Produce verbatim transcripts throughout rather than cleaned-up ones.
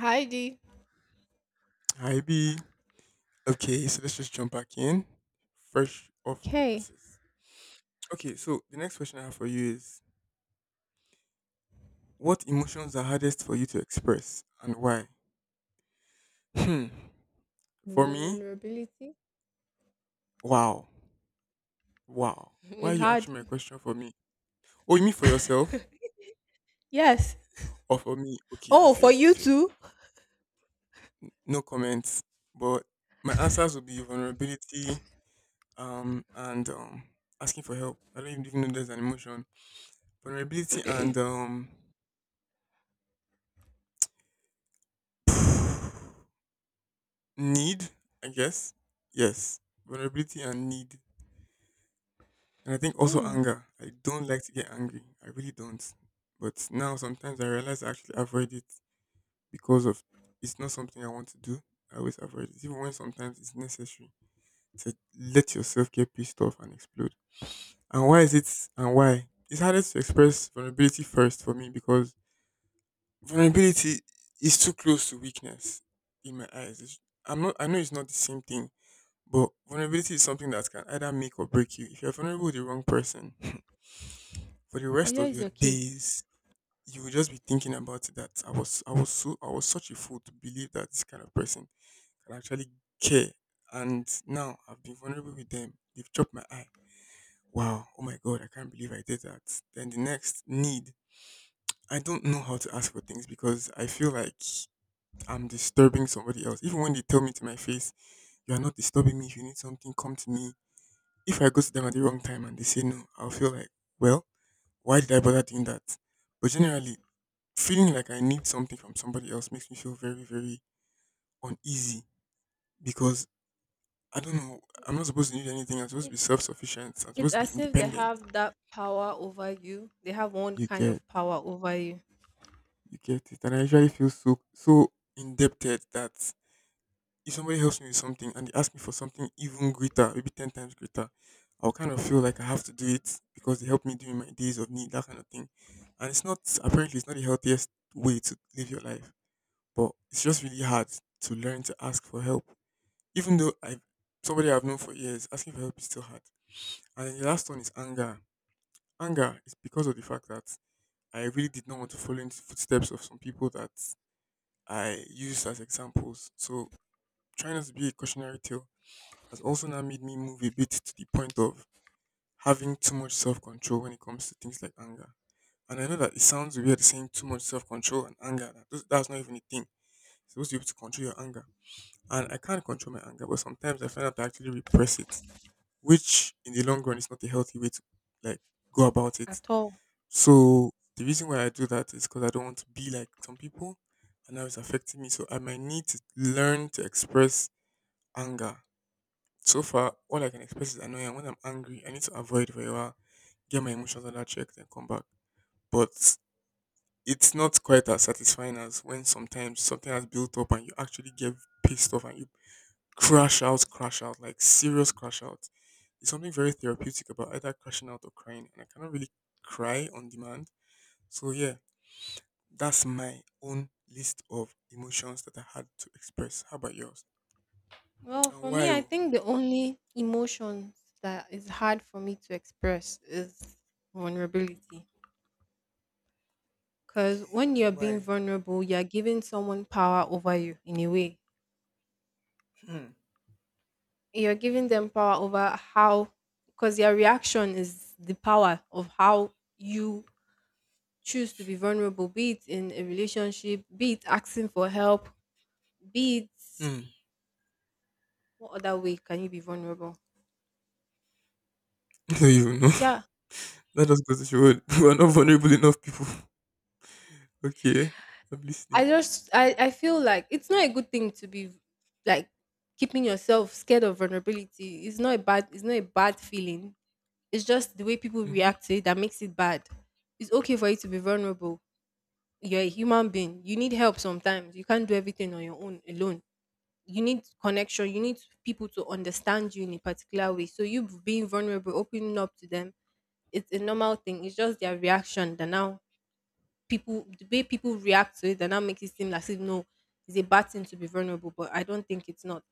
Heidi, Hi B. Okay, so let's just jump back in. Fresh off the okay. presses. Okay, so the next question I have for you is what emotions are hardest for you to express and why? Hmm. For me, Vulnerability wow. Wow. Why are is you hard. answering my question for me? Oh, you mean for yourself? Yes. Or for me? Okay, I Oh, for fear, I you fear. too. No comments. But my answers will be vulnerability, um, and um asking for help. I don't even know there's an emotion. Vulnerability and um need, I guess. Yes. Vulnerability and need. And I think also Mm. anger. I don't like to get angry. I really don't. But now sometimes I realize I actually avoid it because of it's not something I want to do. I always avoid it. Even when sometimes it's necessary to let yourself get pissed off and explode. And why is it and why? It's harder to express vulnerability first for me because vulnerability is too close to weakness in my eyes. It's- I'm not I know it's not the same thing. But vulnerability is something that can either make or break you. If you're vulnerable with the wrong person, for the Oh, rest here of is your your case. days, you will just be thinking about it that I was I was so I was such a fool to believe that this kind of person can actually care. And now I've been vulnerable with them. They've chopped my eye. Wow, oh my god, I can't believe I did that. Then the next need. I don't know how to ask for things because I feel like I'm disturbing somebody else. Even when they tell me to my face, you are not disturbing me. If you need something, come to me. If I go to them at the wrong time and they say no, I'll feel like, well, why did I bother doing that? But generally, feeling like I need something from somebody else makes me feel very, very uneasy because I don't know. I'm not supposed to need anything. I'm supposed to It, be self-sufficient. I'm it's supposed to be as if they independent. have that power over you. They have one You kind get, of power over you you get it. And I usually feel so, so indebted that if somebody helps me with something and they ask me for something even greater, maybe ten times greater, I'll kind of feel like I have to do it because they helped me during my days of need, that kind of thing. And it's not, apparently, it's not the healthiest way to live your life, but it's just really hard to learn to ask for help. Even though I've, somebody I've known for years, asking for help is still hard. And then the last one is anger. Anger is because of the fact that I really did not want to follow in the footsteps of some people that I used as examples. So trying not to be a cautionary tale has also now made me move a bit to the point of having too much self control when it comes to things like anger. And I know that it sounds weird saying too much self control and anger. That those- that's not even a thing. You're supposed to be able to control your anger. And I can't control my anger, but sometimes I find out I actually repress it, which in the long run is not a healthy way to like go about it. at all. So the reason why I do that is because I don't want to be like some people, and now it's affecting me. So I might need to learn to express anger. So far, all I can express is annoying. And when I'm angry, I need to avoid for a while, get my emotions under check, then come back. But it's not quite as satisfying as when sometimes something has built up and you actually get pissed off and you crash out, crash out, like serious crash out. It's something very therapeutic about either crashing out or crying, and I cannot really cry on demand. So yeah, that's my own list of emotions that I had to express. How about yours? Well, And for why? me, I Oh? think the only emotions that is hard for me to express is vulnerability. Because Okay, when and you're being why? vulnerable, you're giving someone power over you in a way. Hmm. You're giving them power over how because their reaction is the power of how you choose to be vulnerable, be it in a relationship, be it asking for help, be it Hmm. what other way can you be vulnerable? Do you know. Yeah. That just goes to show, we- are not vulnerable enough people. Okay, I'm I listening. just I, I feel like it's not a good thing to be like keeping yourself scared of vulnerability. It's not a bad it's not a bad feeling. It's just the way people Mm-hmm. react to it that makes it bad. It's okay for you to be vulnerable, you're a human being. You need help sometimes. You can't do everything on your own alone. You need connection. You need people to understand you in a particular way. So you being vulnerable, opening up to them, it's a normal thing. It's just their reaction that now people the way people react to it that now makes it seem like no, it's a bad thing to be vulnerable. But I don't think it's not.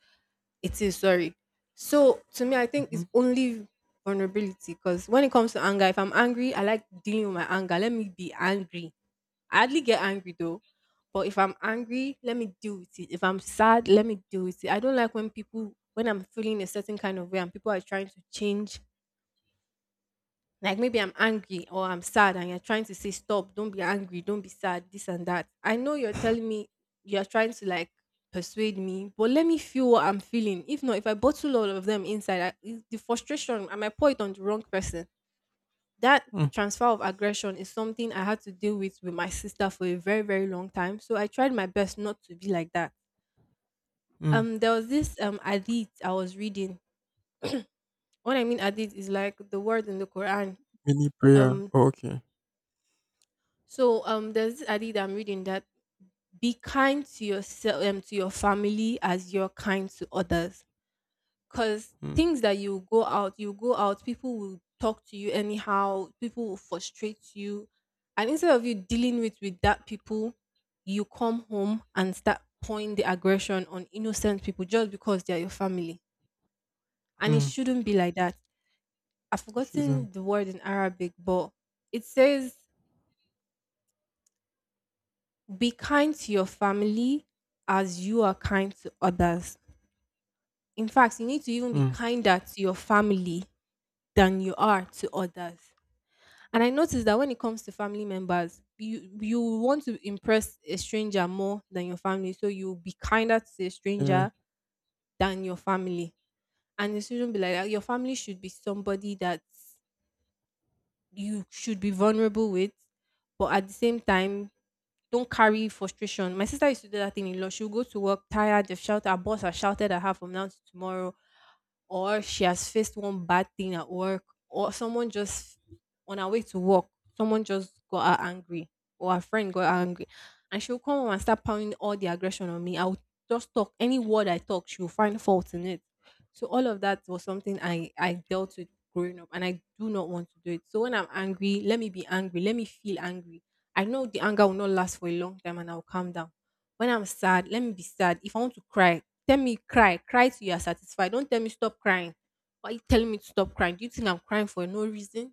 It is, sorry. So to me, I think Mm-hmm. it's only vulnerability, because when it comes to anger, if I'm angry, I like dealing with my anger. Let me be angry. I hardly get angry though. But if I'm angry, let me deal with it. If I'm sad, let me deal with it. I don't like when people when I'm feeling a certain kind of way and people are trying to change. Like maybe I'm angry or I'm sad and you're trying to say stop, don't be angry, don't be sad, this and that. I know you're telling me, you're trying to like persuade me, but let me feel what I'm feeling. If not, if I bottle all of them inside, I, it's the frustration, I might pour it on the wrong person. That Mm, transfer of aggression is something I had to deal with with my sister for a very, very long time. So I tried my best not to be like that. mm. Um, there was this um hadith I was reading. What I mean, hadith is like the word in the Quran. We prayer. Um, Oh, okay. so um, there's this hadith I'm reading that, be kind to yourself, um to your family as you're kind to others. Cause Mm, things that you go out, you go out, people will talk to you anyhow, people will frustrate you. And instead of you dealing with with that people, you come home and start pouring the aggression on innocent people just because they are your family. And it mm. shouldn't be like that. I've You forgotten shouldn't. the word in Arabic, but it says, be kind to your family as you are kind to others. In fact, you need to even be Mm. kinder to your family than you are to others. And I noticed that when it comes to family members, you you want to impress a stranger more than your family. So you'll be kinder to a Yeah. stranger than your family. And it shouldn't be like that. Your family should be somebody that you should be vulnerable with, but at the same time, don't carry frustration. My sister used to do that thing a lot. She'll go to work tired, they've shouted, her boss has shouted at her from now to tomorrow, or she has faced one bad thing at work, or someone just on her way to work, someone just got her angry, or her friend got her angry, and she'll come home and start pounding all the aggression on me. I'll just talk any word I talk, she'll find fault in it. So all of that was something I I dealt with growing up, and I do not want to do it. So when I'm angry, let me be angry, let me feel angry. I know the anger will not last for a long time, and I'll calm down. When I'm sad, let me be sad. If I want to cry, tell me cry, cry till you are satisfied. Don't tell me stop crying. Why are you telling me to stop crying? Do you think I'm crying for no reason?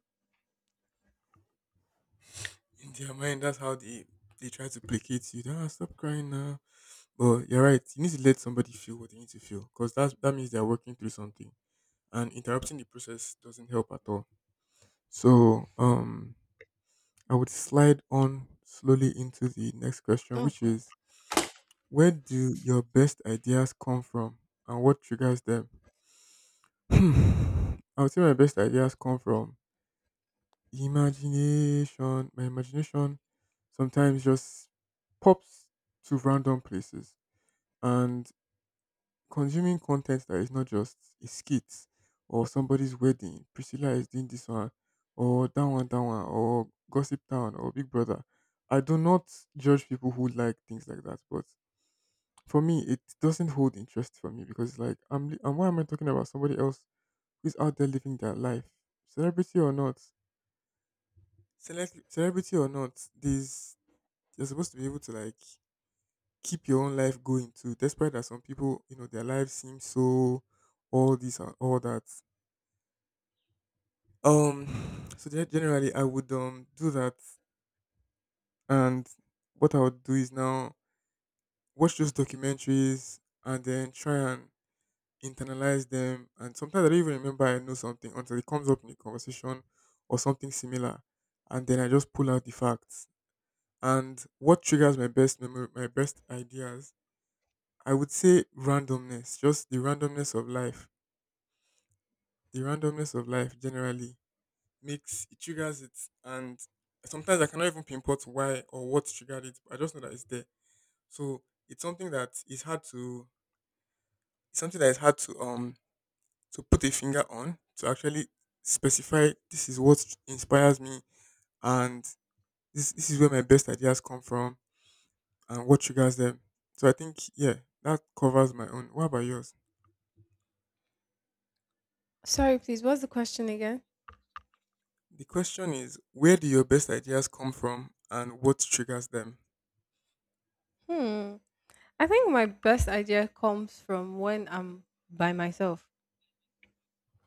In their mind, that's how they they try to placate you. Ah, stop crying now. But you're right. You need to let somebody feel what they need to feel, because that's that means they're working through something, and interrupting the process doesn't help at all. So, um, I would slide on slowly into the next question, Oh which God. is where do your best ideas come from and what triggers them? Hmm. I would say my best ideas come from imagination. My imagination sometimes just pops to random places. And consuming content that is not just a skit or somebody's wedding, Priscilla is doing this one, or that one, that one, or Gossip Town, or Big Brother. I do not judge people who like things like that, but for me, it doesn't hold interest for me because like I'm li- and why am I talking about somebody else who's out there living their life, celebrity or not, Celeb- celebrity or not, these you're supposed to be able to like keep your own life going too. Despite that some people, you know, their lives seem so all this and all that. Um, so gen- generally I would um do that, and what I would do is now watch those documentaries and then try and internalize them, and sometimes I don't even remember I know something until it comes up in a conversation or something similar, and then I just pull out the facts. And what triggers my best memory, my best ideas, I would say randomness, just the randomness of life, the randomness of life generally makes it triggers it, and sometimes I cannot even pinpoint why or what triggered it. But I just know that it's there. So it's something that is hard to, it's something that is hard to um to put a finger on, to actually specify this is what inspires me and this this is where my best ideas come from and what triggers them. So I think yeah, that covers my own. What about yours? Sorry, please, what's the question again? The question is where do your best ideas come from and what triggers them? Hmm. I think my best idea comes from when I'm by myself,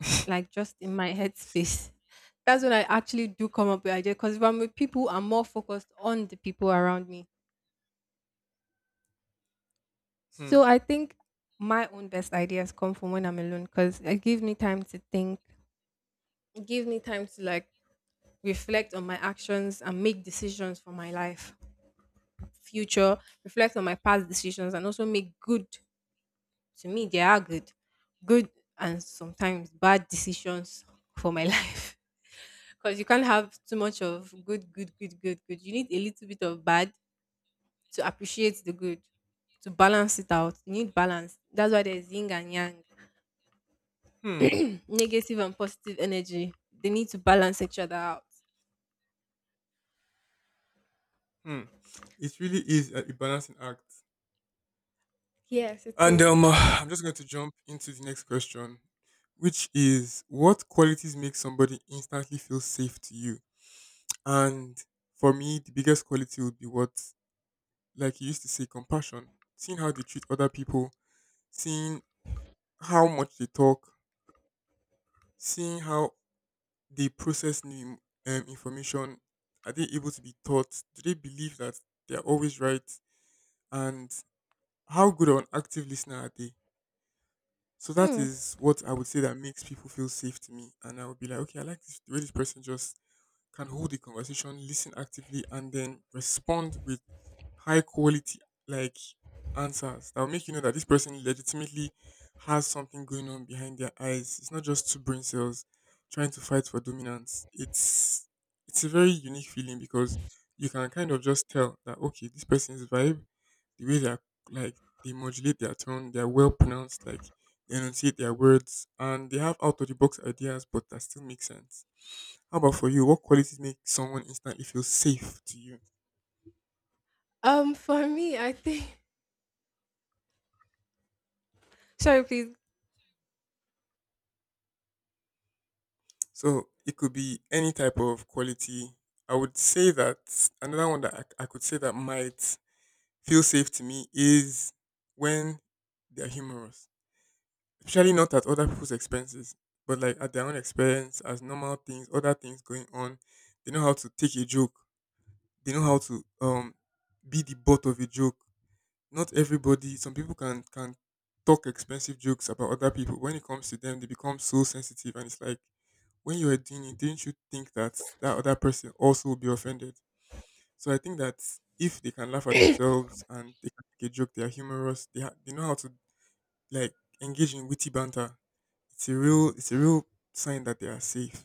like just in my headspace. That's when I actually do come up with ideas. Because if I'm with people, I'm more focused on the people around me. Hmm. So I think my own best ideas come from when I'm alone because it gives me time to think. It gives me time to like reflect on my actions and make decisions for my life future, reflect on my past decisions and also make good, to me they are good, good, and sometimes bad decisions for my life, because you can't have too much of good good good good good, you need a little bit of bad to appreciate the good, to balance it out, you need balance, that's why there's yin and yang. Hmm. Negative and positive energy, they need to balance each other out. Hmm. It really is a a balancing act. Yes, it And is. um, I'm just going to jump into the next question, which is what qualities make somebody instantly feel safe to you? And for me, the biggest quality would be what, like you used to say, compassion. Seeing how they treat other people, seeing how much they talk, seeing how they process new, um, information. Are they able to be taught? Do they believe that they are always right? And how good of an active listener are they? So that Hmm. is what I would say that makes people feel safe to me. And I would be like, okay, I like this, the way this person just can hold a conversation, listen actively, and then respond with high quality like answers that will make you know that this person legitimately has something going on behind their eyes. It's not just two brain cells trying to fight for dominance. It's it's a very unique feeling because you can kind of just tell that okay, this person's vibe, the way they're like they modulate their tone, they're well pronounced, like they enunciate their words, and they have out of the box ideas, but that still makes sense. How about for you? What qualities make someone instantly feel safe to you? Um, for me, I think, sorry, please. So it could be any type of quality. I would say that another one that I, I could say that might feel safe to me is when they're humorous, especially not at other people's expenses, but like at their own expense, as normal things, other things going on. They know how to take a joke. They know how to um be the butt of a joke. Not everybody, some people can can talk expensive jokes about other people. When it comes to them they become so sensitive, and it's like when you were doing it, didn't you think that that other person also will be offended? So I think that if they can laugh at themselves and they can make a joke, they are humorous. They, ha- they know how to like engage in witty banter. It's a real it's a real sign that they are safe.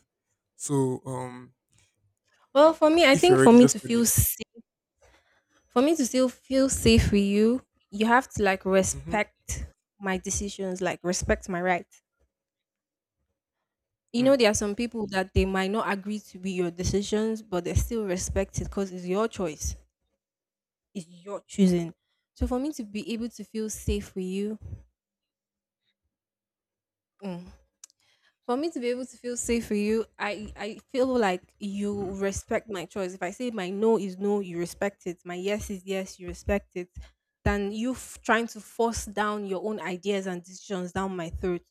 So um Well, for me, I if you're think for ready me just to tell me. feel safe, for me to still feel safe with you, you have to like Mm-hmm. respect my decisions, like respect my right. You Hmm, know, there are some people that they might not agree to be your decisions, but they still respect it because it's your choice, it's your choosing. So for me to be able to feel safe with you, mm, for me to be able to feel safe for you, I I feel like you respect my choice. If I say my no is no, you respect it. My yes is yes, you respect it. Than you f- trying to force down your own ideas and decisions down my throat.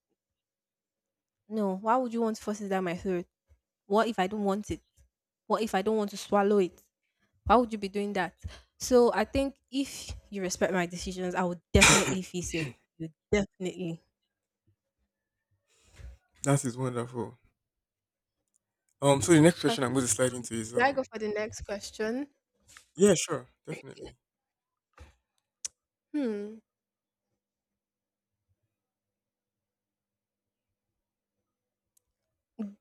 No, why would you want to force it down my throat? What if I don't want it? What if I don't want to swallow it? Why would you be doing that? So I think if you respect my decisions, I would definitely feel safe with you, definitely. that is wonderful. Um so the next question Okay, I'm going to slide into is should I go um for the next question? yeah, sure, definitely. Hmm.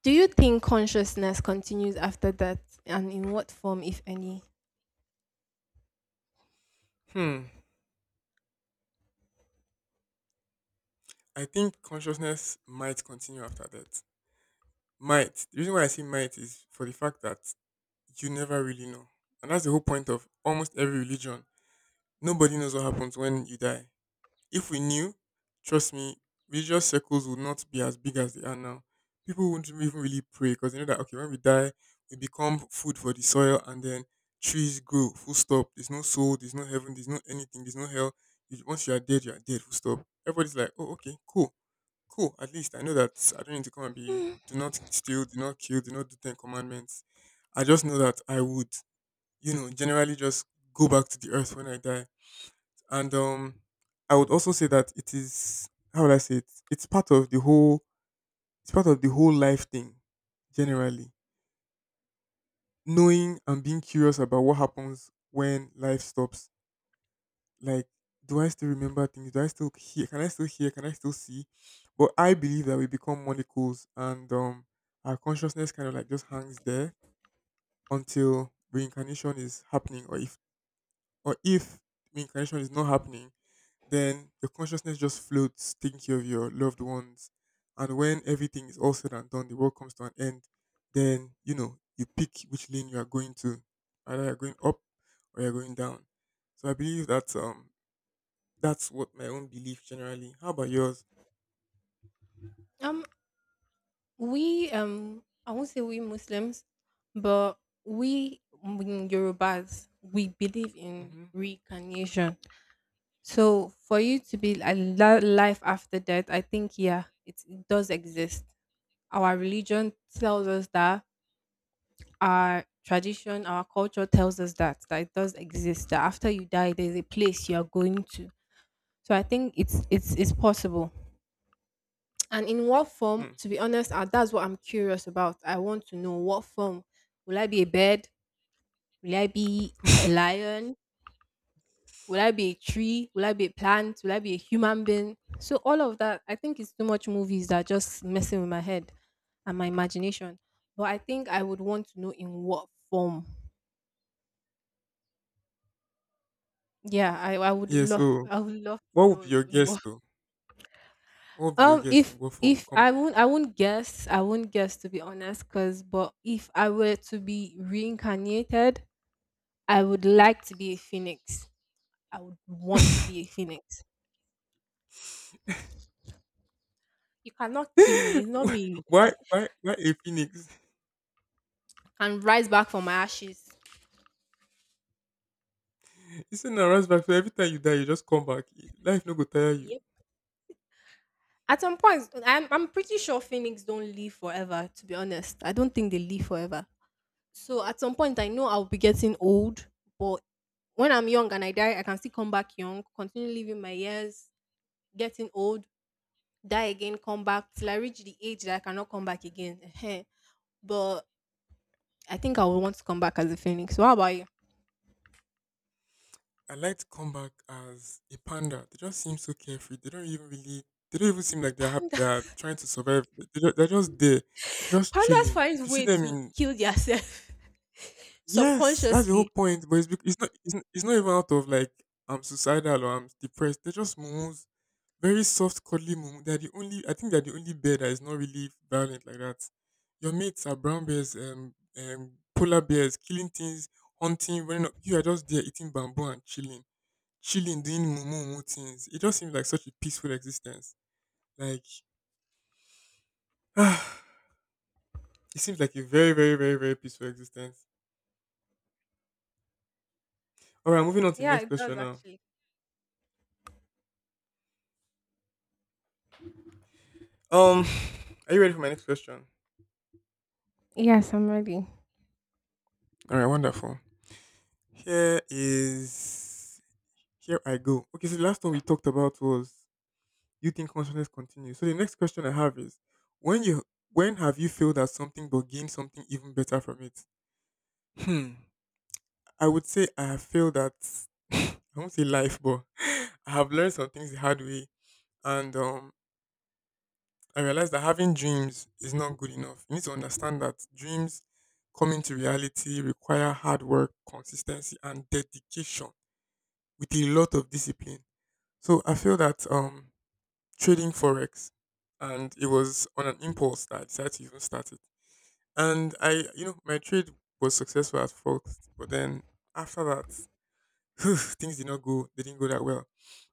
Do you think consciousness continues after death, and in what form, if any? Hmm. I think consciousness might continue after death. Might. The reason why I say might is for the fact that you never really know. And that's the whole point of almost every religion. Nobody knows what happens when you die. If we knew, trust me, religious circles would not be as big as they are now. People wouldn't even really pray because they know that, okay, when we die, we become food for the soil and then trees grow, full stop. There's no soul, there's no heaven, there's no anything, there's no hell. You- Once you are dead, you are dead, full stop. Everybody's like, oh, okay, cool. Cool. At least I know that I don't need to come and be Hmm. do not steal, do not kill, do not do ten commandments. I just know that I would, you know, generally just go back to the earth when I die. And um I would also say that it is how would I say it? It's part of the whole it's part of the whole life thing, generally. Knowing and being curious about what happens when life stops, like, do I still remember things? Do I still hear? Can I still hear? Can I still see? But I believe that we become molecules, and um our consciousness kind of like just hangs there until reincarnation is happening, or if or if reincarnation is not happening, then your consciousness just floats thinking of your loved ones. And when everything is all said and done, the world comes to an end, then you know, you pick which lane you are going to. Either you're going up or you're going down. So I believe that um that's what my own belief generally. How about yours? Um, we um, I won't say we Muslims, but we in Yorubas we believe in Mm-hmm. reincarnation. So for you to be alive life after death, I think yeah, it, it does exist. Our religion tells us that. Our tradition, our culture tells us that that it does exist. That after you die, there's a place you are going to. So I think it's it's it's possible. And in what form, Hmm. to be honest, uh, that's what I'm curious about. I want to know what form. Will I be a bird? Will I be a lion? Will I be a tree? Will I be a plant? Will I be a human being? So all of that, I think it's too much movies that are just messing with my head and my imagination. But I think I would want to know in what form. Yeah, I, I would Yeah, love, so I would love to what would be know your in guess what. though? What would be your Um, guess and if what form will If come I won't, I won't guess. I won't guess, to be honest, cause but if I were to be reincarnated, I would like to be a phoenix. I would want to back? be a phoenix. You cannot kill me. It's not me you why, why, kill. why why a phoenix? I can rise back from my ashes. You see, now back. So every time you die, you just come back. Life no go tire you. Yep. At some point, I'm I'm pretty sure phoenix don't live forever. To be honest, I don't think they live forever. So at some point, I know I'll be getting old, but when I'm young and I die, I can still come back young, continue living my years, getting old, die again, come back till I reach the age that I cannot come back again. Ehen. But I think I would want to come back as a phoenix. What about you? I like to come back as a panda. They just seem so carefree. They don't even really. They don't even seem like they're happy. Panda? They're trying to survive. They- They're just, they're just there, just Pandas chilling. If find you see way them to in. kill themselves Yes, that's the whole subconsciously. point. But it's, bec- it's not it's, not- It's not even out of like I'm suicidal or I'm depressed. They're just moons, very soft, cuddly moons. They're the only I think they're the only bear that is not really violent like that. Your mates are brown bears, um, um, polar bears, killing things, hunting. When you are just there eating bamboo and chilling, chilling, doing mumu things. It just seems like such a peaceful existence. Like ah, it seems like a very, very, very, very peaceful existence. All right, moving on to the Yeah, next it does question now. actually. Um, are you ready for my next question? Yes, I'm ready. All right, wonderful. Here is here I go. Okay, so the last one we talked about was you think consciousness continues. So the next question I have is when you when have you failed at something but gained something even better from it? Hmm. I would say I have failed at I won't say life, but I have learned some things the hard way, and um, I realized that having dreams is not good enough. You need to understand that dreams coming to reality require hard work, consistency, and dedication with a lot of discipline. So I feel that um trading forex, and it was on an impulse that I decided to even start it. And I you know, my trade was successful at first, but then after that things did not go they didn't go that well.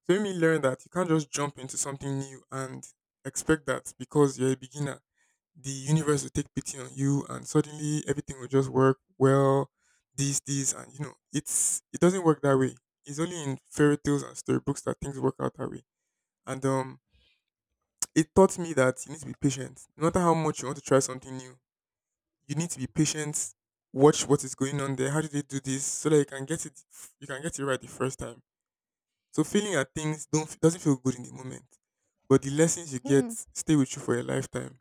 So it made me learn that you can't just jump into something new and expect that because you're a beginner, the universe will take pity on you and suddenly everything will just work well, this this and you know it's it doesn't work that way. It's only in fairy tales and storybooks that things work out that way. And um it taught me that you need to be patient no matter how much you want to try something new. You need to be patient, watch what is going on there, how do they do this, so that you can get it, you can get it right the first time. So failing at things don't doesn't feel good in the moment, but the lessons you get Hmm. stay with you for a lifetime.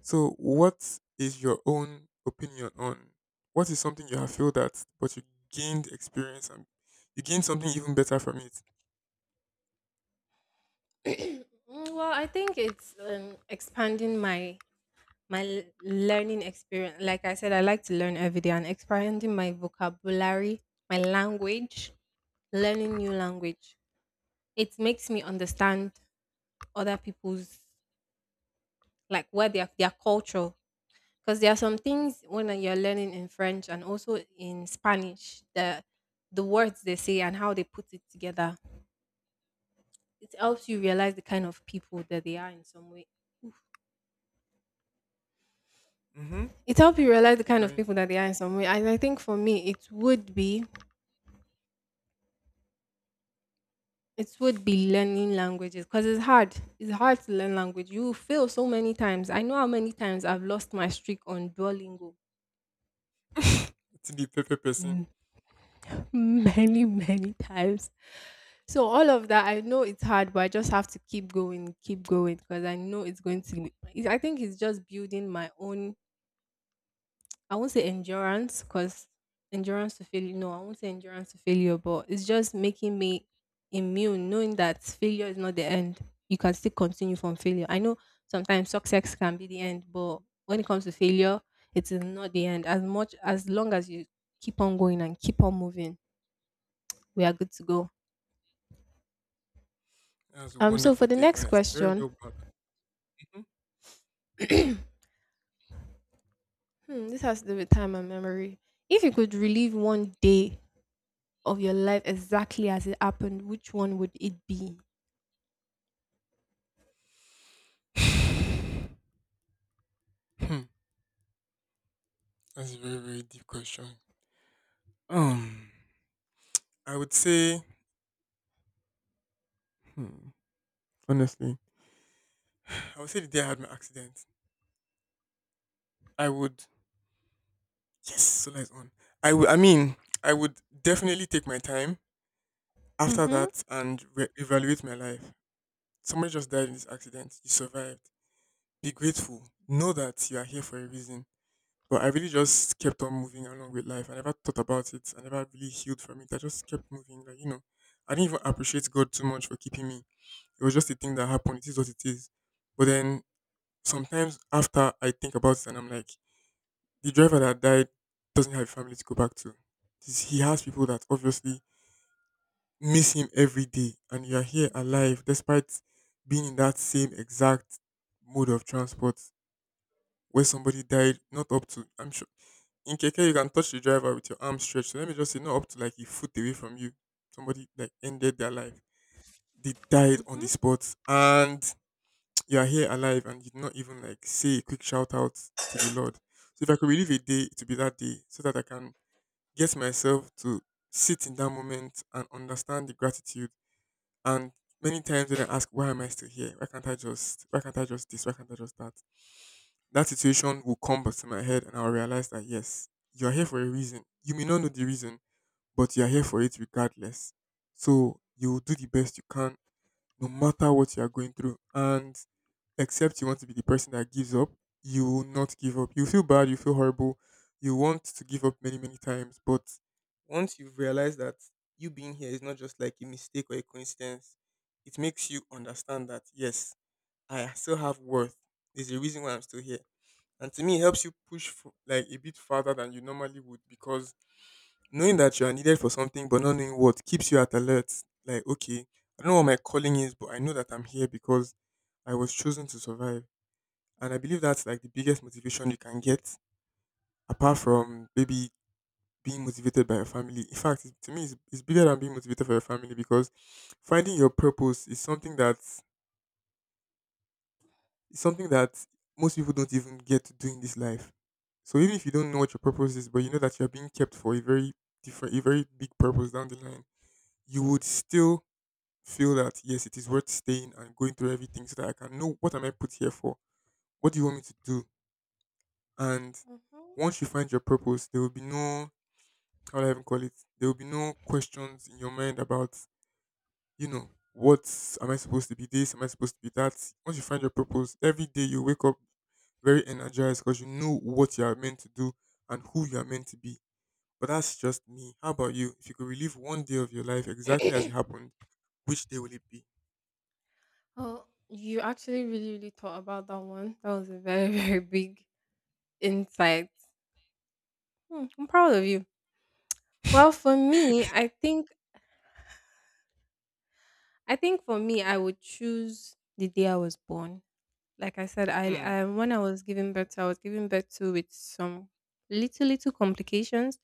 So, what is your own opinion on what is something you have failed at, but you gained experience and you gained something even better from it? Mm, well, I think it's um, expanding my my l- learning experience. Like I said, I like to learn every day, and expanding my vocabulary, my language, learning new language. It makes me understand other people's, like where their their culture, because there are some things when you're learning in French and also in Spanish, the the words they say and how they put it together. It helps you realize the kind of people that they are in some way. Mm-hmm. It helps you realize the Keep kind of going. people that they are in some way. And I think for me, it would be it would be learning languages because it's hard. It's hard to learn language. You fail so many times. I know how many times I've lost my streak on Duolingo. to the pepper person. Mm, Many, many times. So all of that, I know it's hard, but I just have to keep going, keep going, because I know it's going to. Be- It, I think it's just building my own. I won't say endurance, because endurance to failure. No, I won't say endurance to failure, but it's just making me immune, knowing that failure is not the end. You can still continue from failure. I know sometimes success can be the end, but when it comes to failure, it is not the end. As much as long as you keep on going and keep on moving, we are good to go. That was a Um. So for wonderful the take, next honestly. Very question. well done. Hmm, this has to do with time and memory. If you could relive one day of your life exactly as it happened, which one would it be? Mhm. Hmm. That's a very, very deep question. Um, I would say, hmm, honestly, I would say the day I had my accident, I would, yes, so lights on. I would, I mean, I would definitely take my time after Mm-hmm. that and re- evaluate my life. Somebody just died in this accident. You survived. Be grateful. Know that you are here for a reason. But I really just kept on moving along with life. I never thought about it. I never really healed from it. I just kept moving. Like, you know, I didn't even appreciate God too much for keeping me. It was just a thing that happened. It is what it is. But then sometimes after I think about it and I'm like, the driver that died doesn't have a family to go back to. This- He has people that obviously miss him every day and you are here alive despite being in that same exact mode of transport where somebody died, not up to, I'm sure in Keke you can touch the driver with your arm stretched. So let me just say not up to like a foot away from you. Somebody like ended their life. They died on Mm-hmm. the spot and you are here alive and you did not even like say a quick shout out to the Lord. So if I could relive a day, it would be that day so that I can get myself to sit in that moment and understand the gratitude, and many times when I ask, why am I still here? Why can't I just, why can't I just this? Why can't I just that? That situation will come back to my head and I'll realize that, yes, you're here for a reason. You may not know the reason, but you're here for it regardless. So you will do the best you can no matter what you are going through. And except you want to be the person that gives up, you will not give up. You feel bad, you feel horrible, you want to give up many, many times. But once you've realized that you being here is not just like a mistake or a coincidence, it makes you understand that, yes, I still have worth. There's a reason why I'm still here. And to me, it helps you push f- like a bit further than you normally would, because knowing that you are needed for something but not knowing what keeps you at alert. Like, okay, I don't know what my calling is, but I know that I'm here because I was chosen to survive. And I believe that's like the biggest motivation you can get, apart from maybe being motivated by your family. In fact, it- to me, it's, it's bigger than being motivated by your family because finding your purpose is something that is something that most people don't even get to do in this life. So even if you don't know what your purpose is, but you know that you're being kept for a very different, a very big purpose down the line, you would still feel that yes, it is worth staying and going through everything so that I can know what am I put here for? What do you want me to do? And once you find your purpose, there will be no how do I even call it? There will be no questions in your mind about, you know, what am I supposed to be this? Am I supposed to be that? Once you find your purpose, every day you wake up very energized because you know what you are meant to do and who you are meant to be. But that's just me. How about you? If you could relive one day of your life exactly as it Mm-hmm. happened, which day will it be? Oh, you actually really, really thought about that one. That was a very, very big insight. Hmm, I'm proud of you. Well, for me, I think I think for me, I would choose the day I was born. Like I said, I, Hmm. I when I was giving birth, to, I was giving birth to with some little little complications.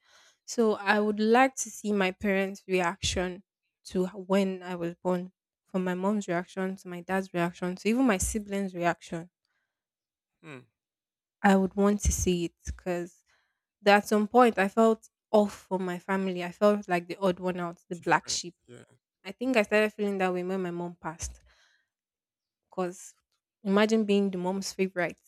So I would like to see my parents' reaction to h- when I was born, from my mom's reaction to my dad's reaction to even my siblings' reaction. Hmm. I would want to see it because at some point I felt off from my family. I felt like the odd one out, the black Different. sheep. Yeah. I think I started feeling that way when my mom passed because imagine being the mom's favorite,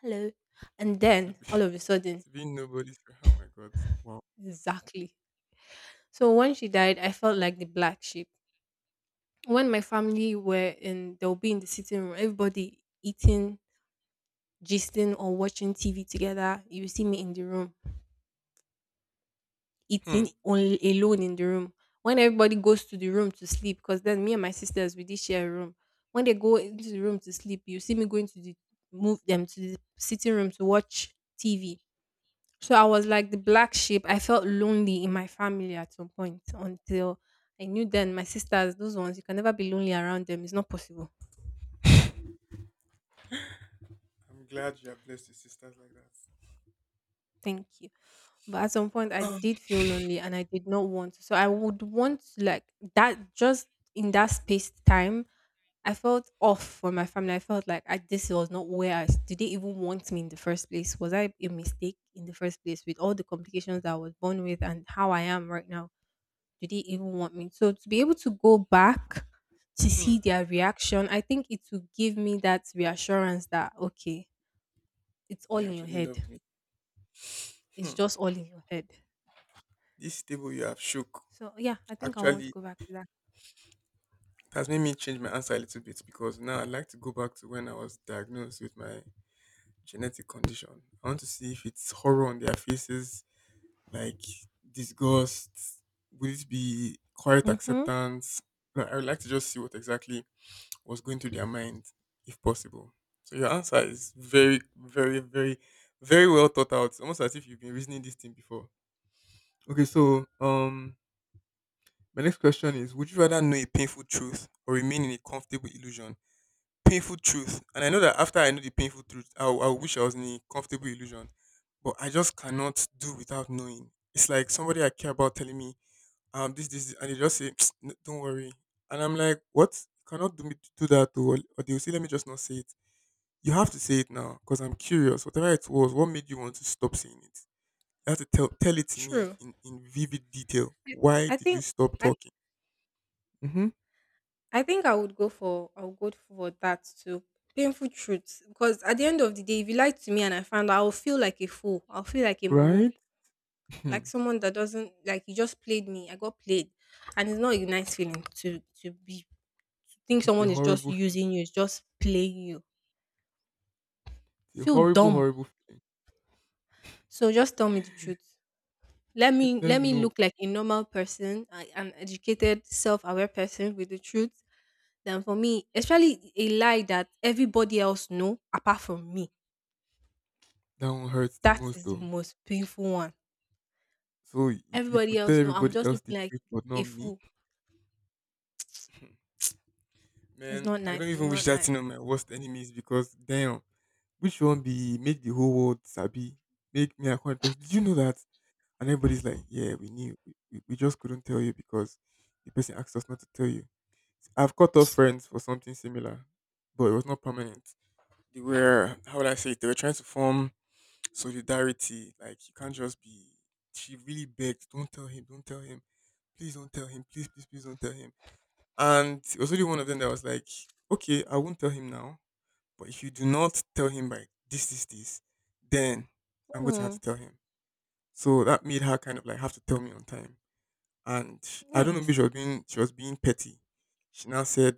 hello. And To then be all of a sudden, to be nobody's friend. Oh my god. Wow. exactly. So when she died, I felt like the black sheep. When my family were in, they'll be in the sitting room, everybody eating, gisting, or watching T V together. You see me in the room, Hmm. eating only alone in the room. When everybody goes to the room to sleep, because then me and my sisters, we did share a room. When they go into the room to sleep, you see me going to the, move them to the sitting room to watch T V. So I was like the black sheep. I felt lonely in my family at some point until I knew then my sisters, those ones, you can never be lonely around them. It's not possible. I'm glad you are blessed with sisters like that. Thank you. But at some point, I did feel lonely and I did not want to. So I would want to, like, that just in that space time, I felt off for my family. I felt like I, this was not where I s- did they even want me in the first place? Was I a mistake in the first place with all the complications that I was born with and how I am right now? Do they even want me? So to be able to go back to Hmm. see their reaction, I think it will give me that reassurance that okay, it's all They in your actually head. loved me. It's Hmm. just all in your head. This table you have shook, So yeah, I think I want to actually go back it to that. has made me change my answer a little bit because now I'd like to go back to when I was diagnosed with my genetic condition. I want to see if it's horror on their faces, like disgust. Would it be quiet Mm-hmm. acceptance? Like, I would like to just see what exactly what's going through their mind, if possible. So your answer is very, very, very, very well thought out. Almost as if you've been reasoning this thing before. Okay, so um, my next question is: would you rather know a painful truth or remain in a comfortable illusion? Painful truth, and I know that after I know the painful truth, I, I wish I was in a comfortable illusion, but I just cannot do without knowing. It's like somebody I care about telling me, um, this, this, and they just say, "Psst, don't worry," and I'm like, what? You cannot do me do that, or, or they'll say, let me just not say it. You have to say it now because I'm curious. Whatever it was, what made you want to stop saying it? You have to tell tell it to me True. in, in vivid detail. Why I did you think stop I talking? Mm-hmm. I think I would go for I would go for that too. Painful truth. Because at the end of the day, if you lied to me and I found out, I'll feel like a fool. I'll feel like a mumu. Right? Hmm. Like someone that doesn't like you just played me. I got played and it's not a nice feeling to to be to think It's a someone is just horrible feeling. using you, is just playing you. It's a Feel horrible, dumb. horrible feeling. So just tell me the truth. Let Let- me Let's let me know look like a normal person, a- an educated, self-aware person with the truth. Than for me, especially a lie that everybody else know apart from me. that one hurts the That most is the though. most painful one. So you, you Everybody could tell else know. I'm everybody just else the looking like truth, but not a me. fool. It's Man, not I don't nice. It's even wish not that nice. thing on my worst enemies because damn, which one be make the whole world sabi? Make me a contact. Did you know that? And everybody's like, yeah, we knew. We, we, we just couldn't tell you because the person asked us not to tell you. I've cut off friends for something similar, but it was not permanent. They were, how would I say it? They were trying to form solidarity. Like, you can't just be. She really begged, don't tell him, don't tell him. Please don't tell him. Please, please, please don't tell him. And it was only one of them that was like, okay, I won't tell him now. But if you do not tell him by this, this, this, then I'm going to have Hmm, to tell him. So that made her kind of like have to tell me on time, and I don't know if she nice. was being she was being petty. She now said,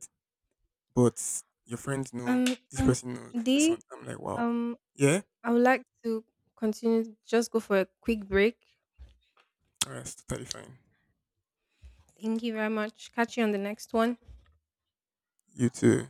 "But your friends know Um, this um, person knows this one." D, I'm like, "Wow, um, yeah, I would like to continue. Just go for a quick break. all right, it's totally fine. Thank you very much. Catch you on the next one. You too."